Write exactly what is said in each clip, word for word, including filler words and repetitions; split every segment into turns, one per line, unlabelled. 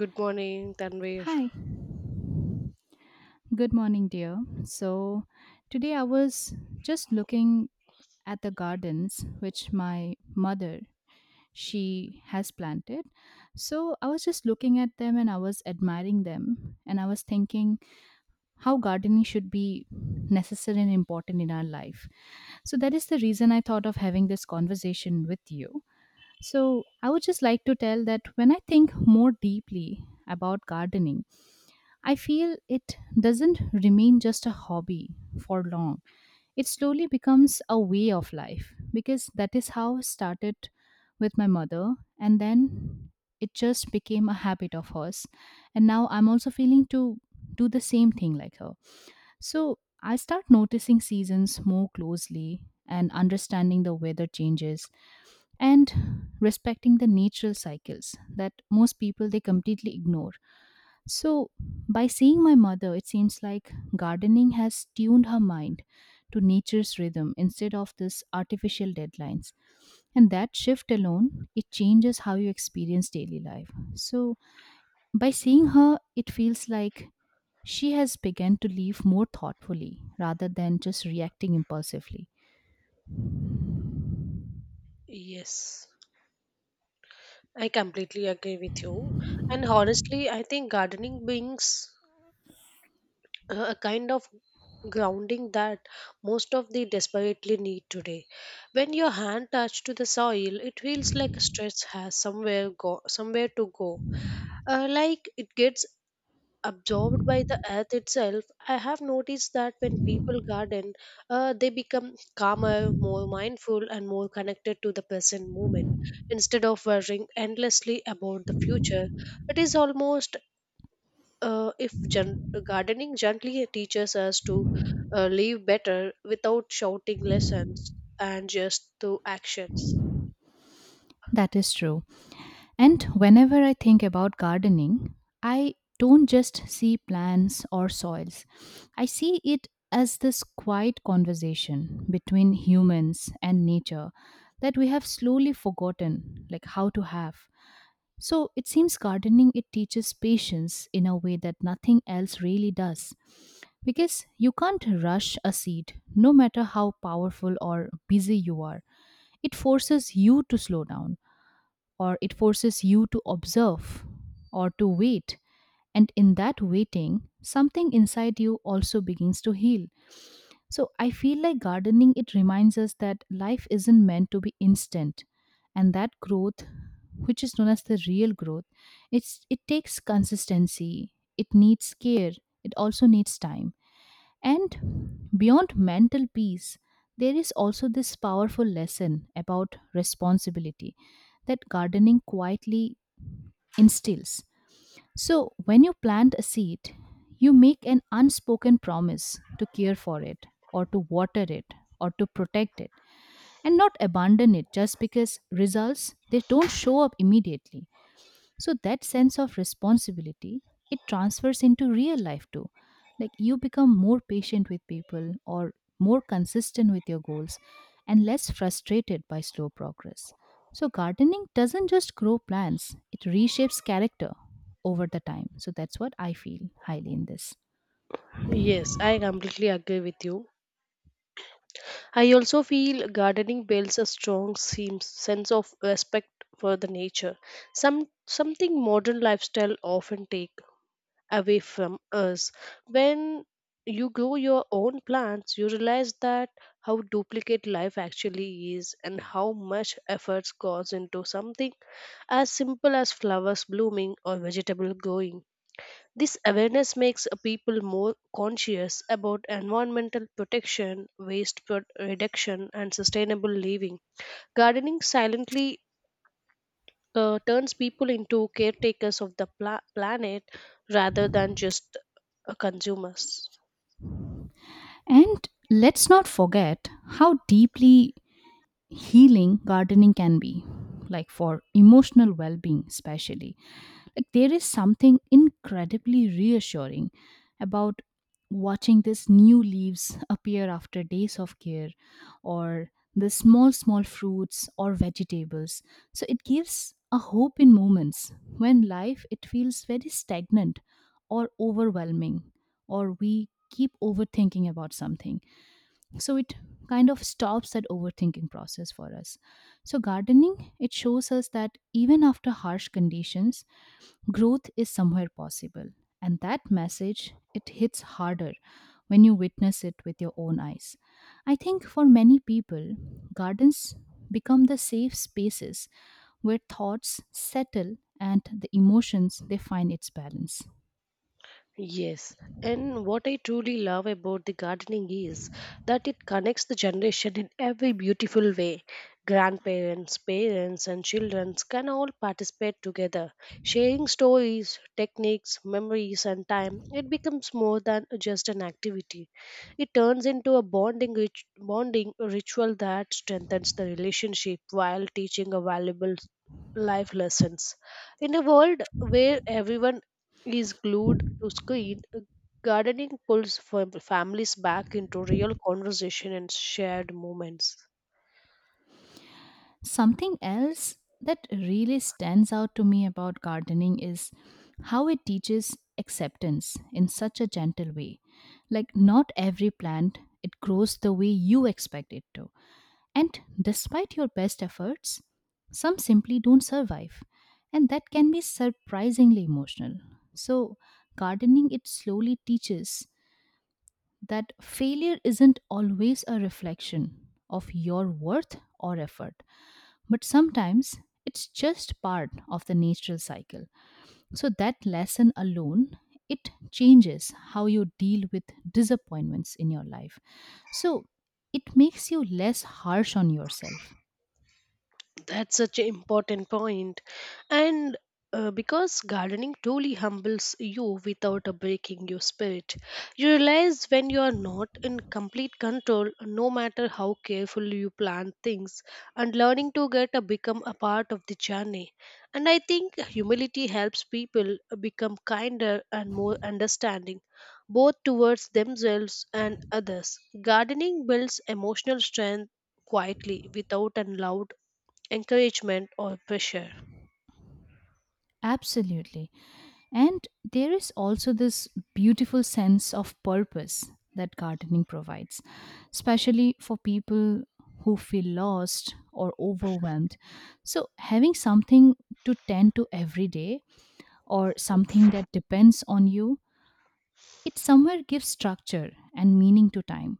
Good morning, Tanvir.
Hi, good morning, dear. So, today I was just looking at the gardens which my mother she has planted. So, I was just looking at them and I was admiring them and I was thinking how gardening should be necessary and important in our life. So, that is the reason I thought of having this conversation with you. So, I would just like to tell that when I think more deeply about gardening, I feel it doesn't remain just a hobby for long. It slowly becomes a way of life because that is how it started with my mother and then it just became a habit of hers. And now I'm also feeling to do the same thing like her. So I start noticing seasons more closely and understanding the weather changes and respecting the natural cycles that most people they completely ignore. So by seeing my mother it seems like gardening has tuned her mind to nature's rhythm instead of this artificial deadlines. And that shift alone it changes how you experience daily life. So by seeing her it feels like she has begun to live more thoughtfully rather than just reacting impulsively.
Yes, I completely agree with you. And honestly, I think gardening brings uh, a kind of grounding that most of the desperately need today. When your hand touch to the soil, it feels like a stress has somewhere go somewhere to go. Uh, like it gets absorbed by the earth itself. I have noticed that when people garden, uh, they become calmer, more mindful and more connected to the present moment instead of worrying endlessly about the future. It is almost uh, if gen- gardening gently teaches us to uh, live better without shouting lessons and just through actions.
That is true. And whenever I think about gardening, I don't just see plants or soils. I see it as this quiet conversation between humans and nature that we have slowly forgotten like how to have. So it seems gardening it teaches patience in a way that nothing else really does, because you can't rush a seed no matter how powerful or busy you are. It forces you to slow down, or it forces you to observe, or to wait. And in that waiting, something inside you also begins to heal. So I feel like gardening, it reminds us that life isn't meant to be instant. And that growth, which is known as the real growth, it's, it takes consistency, it needs care, it also needs time. And beyond mental peace, there is also this powerful lesson about responsibility that gardening quietly instills. So, when you plant a seed, you make an unspoken promise to care for it, or to water it, or to protect it, and not abandon it just because results they don't show up immediately. So that sense of responsibility, it transfers into real life too. Like you become more patient with people, or more consistent with your goals, and less frustrated by slow progress. So gardening doesn't just grow plants, it reshapes character over the time. So that's what I feel highly in this.
Yes, I completely agree with you. I also feel gardening builds a strong seem- sense of respect for the nature, some something modern lifestyle often take away from us. When you grow your own plants, you realize that how duplicate life actually is and how much efforts goes into something as simple as flowers blooming or vegetable growing. This awareness makes uh, people more conscious about environmental protection, waste pro- reduction, and sustainable living. Gardening silently uh, turns people into caretakers of the pla- planet rather than just uh, consumers.
And let's not forget how deeply healing gardening can be, like for emotional well-being especially. Like there is something incredibly reassuring about watching these new leaves appear after days of care, or the small small fruits or vegetables. So it gives a hope in moments when life it feels very stagnant, or overwhelming, or we keep overthinking about something. So it kind of stops that overthinking process for us. So gardening it shows us that even after harsh conditions growth is somewhere possible, and that message it hits harder when you witness it with your own eyes. I think for many people gardens become the safe spaces where thoughts settle and the emotions they find its balance.
Yes, and what I truly love about the gardening is that it connects the generation in every beautiful way. Grandparents, parents, and children can all participate together, sharing stories, techniques, memories, and time. It becomes more than just an activity. It turns into a bonding, rit- bonding ritual that strengthens the relationship while teaching a valuable life lessons. In a world where everyone is glued to screen, gardening pulls fam- families back into real conversation and shared moments.
Something else that really stands out to me about gardening is how it teaches acceptance in such a gentle way. Like, not every plant it grows the way you expect it to. And despite your best efforts, some simply don't survive. And that can be surprisingly emotional. So, gardening it slowly teaches that failure isn't always a reflection of your worth or effort, but sometimes it's just part of the natural cycle. So that lesson alone it changes how you deal with disappointments in your life. So it makes you less harsh on yourself.
That's such an important point. And uh, because gardening truly humbles you without uh, breaking your spirit, you realize when you are not in complete control, no matter how careful you plan things, and learning to get uh, become a part of the journey. And I think humility helps people uh, become kinder and more understanding, both towards themselves and others. Gardening builds emotional strength quietly without a loud encouragement or pressure.
Absolutely. And there is also this beautiful sense of purpose that gardening provides, especially for people who feel lost or overwhelmed. So, having something to tend to every day or something that depends on you, it somewhere gives structure and meaning to time.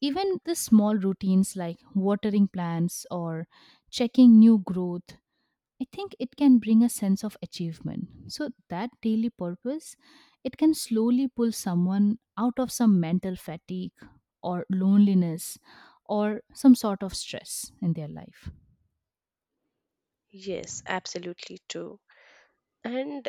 Even the small routines like watering plants or checking new growth, I think it can bring a sense of achievement. So, that daily purpose, it can slowly pull someone out of some mental fatigue, or loneliness, or some sort of stress in their life.
Yes, absolutely too. And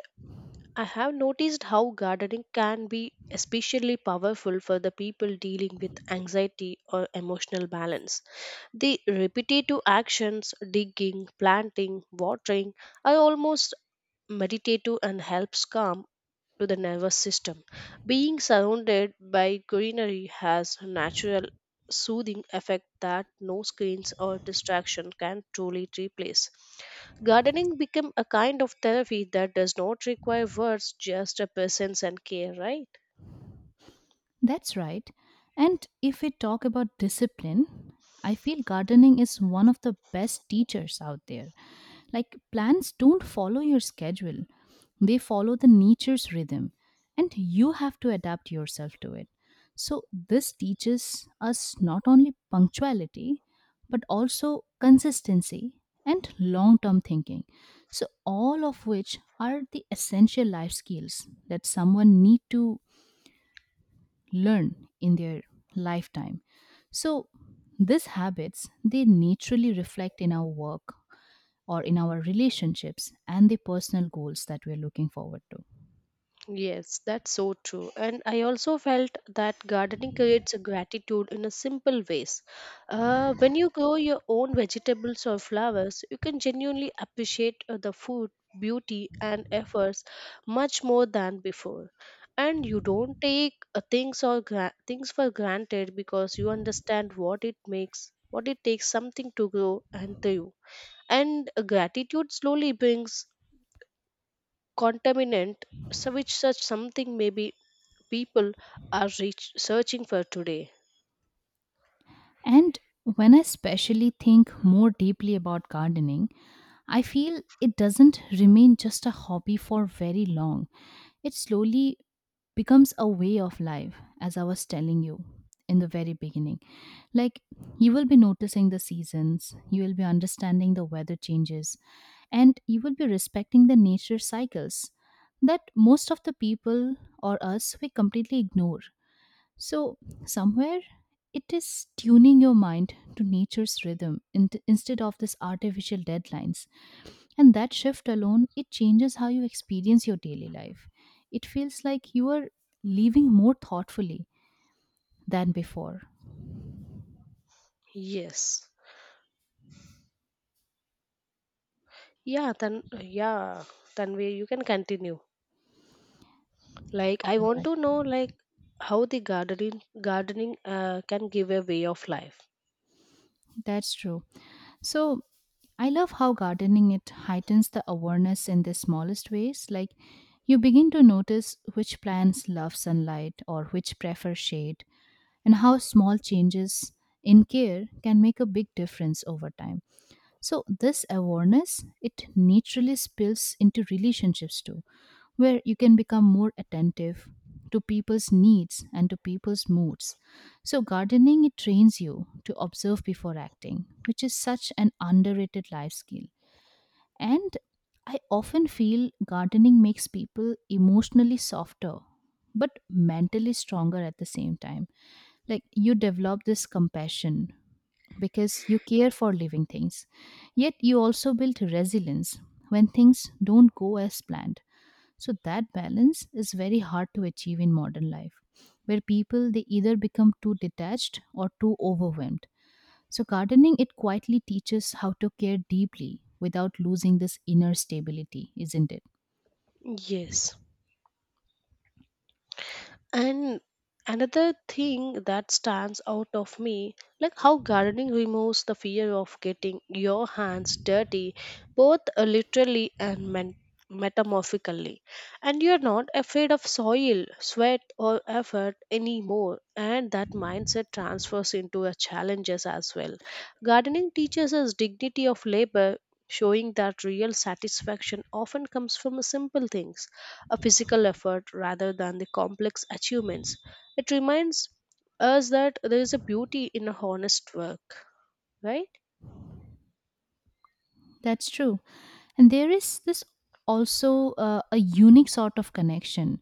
I have noticed how gardening can be especially powerful for the people dealing with anxiety or emotional balance. The repetitive actions, digging, planting, watering, are almost meditative and helps calm to the nervous system. Being surrounded by greenery has a natural soothing effect that no screens or distraction can truly replace. Gardening became a kind of therapy that does not require words, just a presence and care, right?
That's right. And if we talk about discipline, I feel gardening is one of the best teachers out there. Like plants don't follow your schedule, they follow the nature's rhythm, and you have to adapt yourself to it. So, this teaches us not only punctuality, but also consistency and long term thinking. So, all of which are the essential life skills that someone need to learn in their lifetime. So these habits they naturally reflect in our work or in our relationships and the personal goals that we're looking forward to.
Yes, that's so true. And I also felt that gardening creates a gratitude in a simple ways. Uh, when you grow your own vegetables or flowers, you can genuinely appreciate uh, the food, beauty, and efforts much more than before. And you don't take uh, things or gra- things for granted because you understand what it makes, what it takes something to grow and thrive. And uh, gratitude slowly brings contaminant so which such something may be people are reach, searching for today.
And when I especially think more deeply about gardening, I feel it doesn't remain just a hobby for very long. It slowly becomes a way of life, as I was telling you in the very beginning. Like, you will be noticing the seasons, you will be understanding the weather changes, and you will be respecting the nature cycles that most of the people or us we completely ignore. So, somewhere it is tuning your mind to nature's rhythm in- instead of this artificial deadlines. And that shift alone, it changes how you experience your daily life. It feels like you are living more thoughtfully than before.
Yes. Yeah, then yeah, Tanvi, you can continue. Like I want
Right.
to know, like how the gardening gardening uh, can give a way of life.
That's true. So I love how gardening it heightens the awareness in the smallest ways. Like you begin to notice which plants love sunlight or which prefer shade, and how small changes in care can make a big difference over time. So this awareness it naturally spills into relationships too, where you can become more attentive to people's needs and to people's moods. So gardening it trains you to observe before acting, which is such an underrated life skill. And I often feel gardening makes people emotionally softer but mentally stronger at the same time. Like you develop this compassion because you care for living things, yet you also build resilience when things don't go as planned. So that balance is very hard to achieve in modern life, where people they either become too detached or too overwhelmed. So gardening it quietly teaches how to care deeply without losing this inner stability, isn't it?
Yes. And another thing that stands out of me, like how gardening removes the fear of getting your hands dirty, both uh, literally and men- metamorphically. And you're not afraid of soil, sweat, or effort anymore. And that mindset transfers into a challenges as well. Gardening teaches us dignity of labor, showing that real satisfaction often comes from simple things, a physical effort rather than the complex achievements. It reminds us that there is a beauty in a honest work, right?
That's true. And there is this also uh, a unique sort of connection,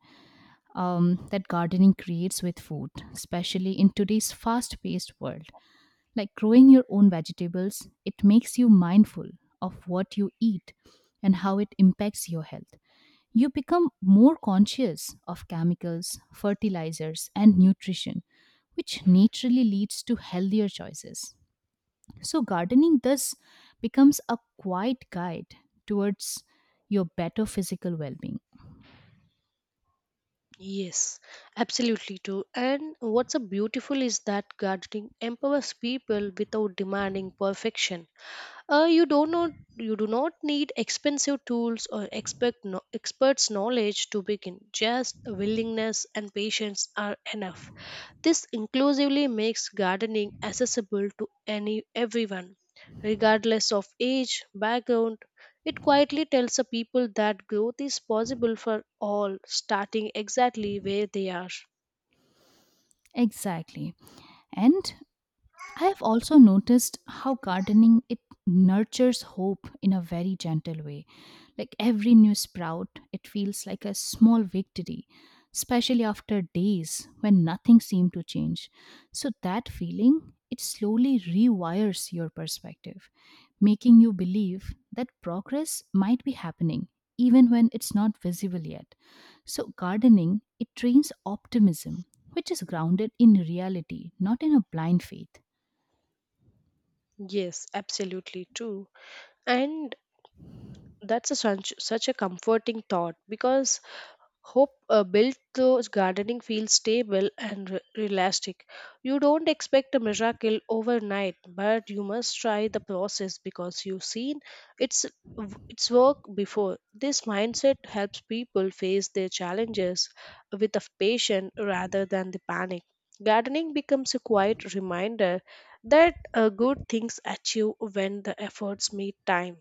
um, that gardening creates with food, especially in today's fast paced world. Like growing your own vegetables, it makes you mindful of what you eat and how it impacts your health. You become more conscious of chemicals, fertilizers, and nutrition, which naturally leads to healthier choices. So, gardening thus becomes a quiet guide towards your better physical well being.
Yes, absolutely too. And what's so beautiful is that gardening empowers people without demanding perfection. Uh, you don't know You do not need expensive tools or expert no, experts knowledge to begin, just a willingness and patience are enough. This inclusively makes gardening accessible to any everyone, regardless of age background. It quietly tells the people that growth is possible for all, starting exactly where they are.
Exactly. And I have also noticed how gardening it nurtures hope in a very gentle way. Like every new sprout, it feels like a small victory, especially after days when nothing seemed to change. So that feeling, it slowly rewires your perspective, making you believe that progress might be happening even when it's not visible yet. So gardening, it trains optimism, which is grounded in reality, not in a blind faith.
Yes, absolutely true. And that's a such, such a comforting thought because hope uh, built those gardening fields stable and re- realistic. You don't expect a miracle overnight, but you must try the process because you've seen its w- its work before. This mindset helps people face their challenges with a patience rather than the panic. Gardening becomes a quiet reminder that uh, good things achieve when the efforts meet time.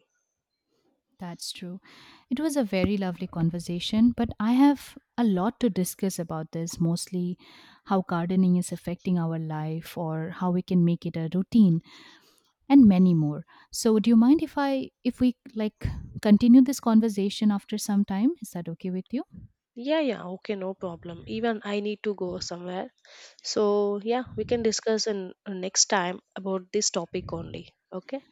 That's true. It was a very lovely conversation, but I have a lot to discuss about this, mostly how gardening is affecting our life or how we can make it a routine and many more. So do you mind if I if we like continue this conversation after some time? Is that okay with you?
Yeah, yeah, okay, no problem. Even I need to go somewhere. So, yeah, we can discuss in uh, next time about this topic only. Okay,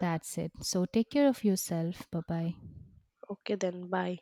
That's it. So take care of yourself. Bye-bye.
okay, then bye.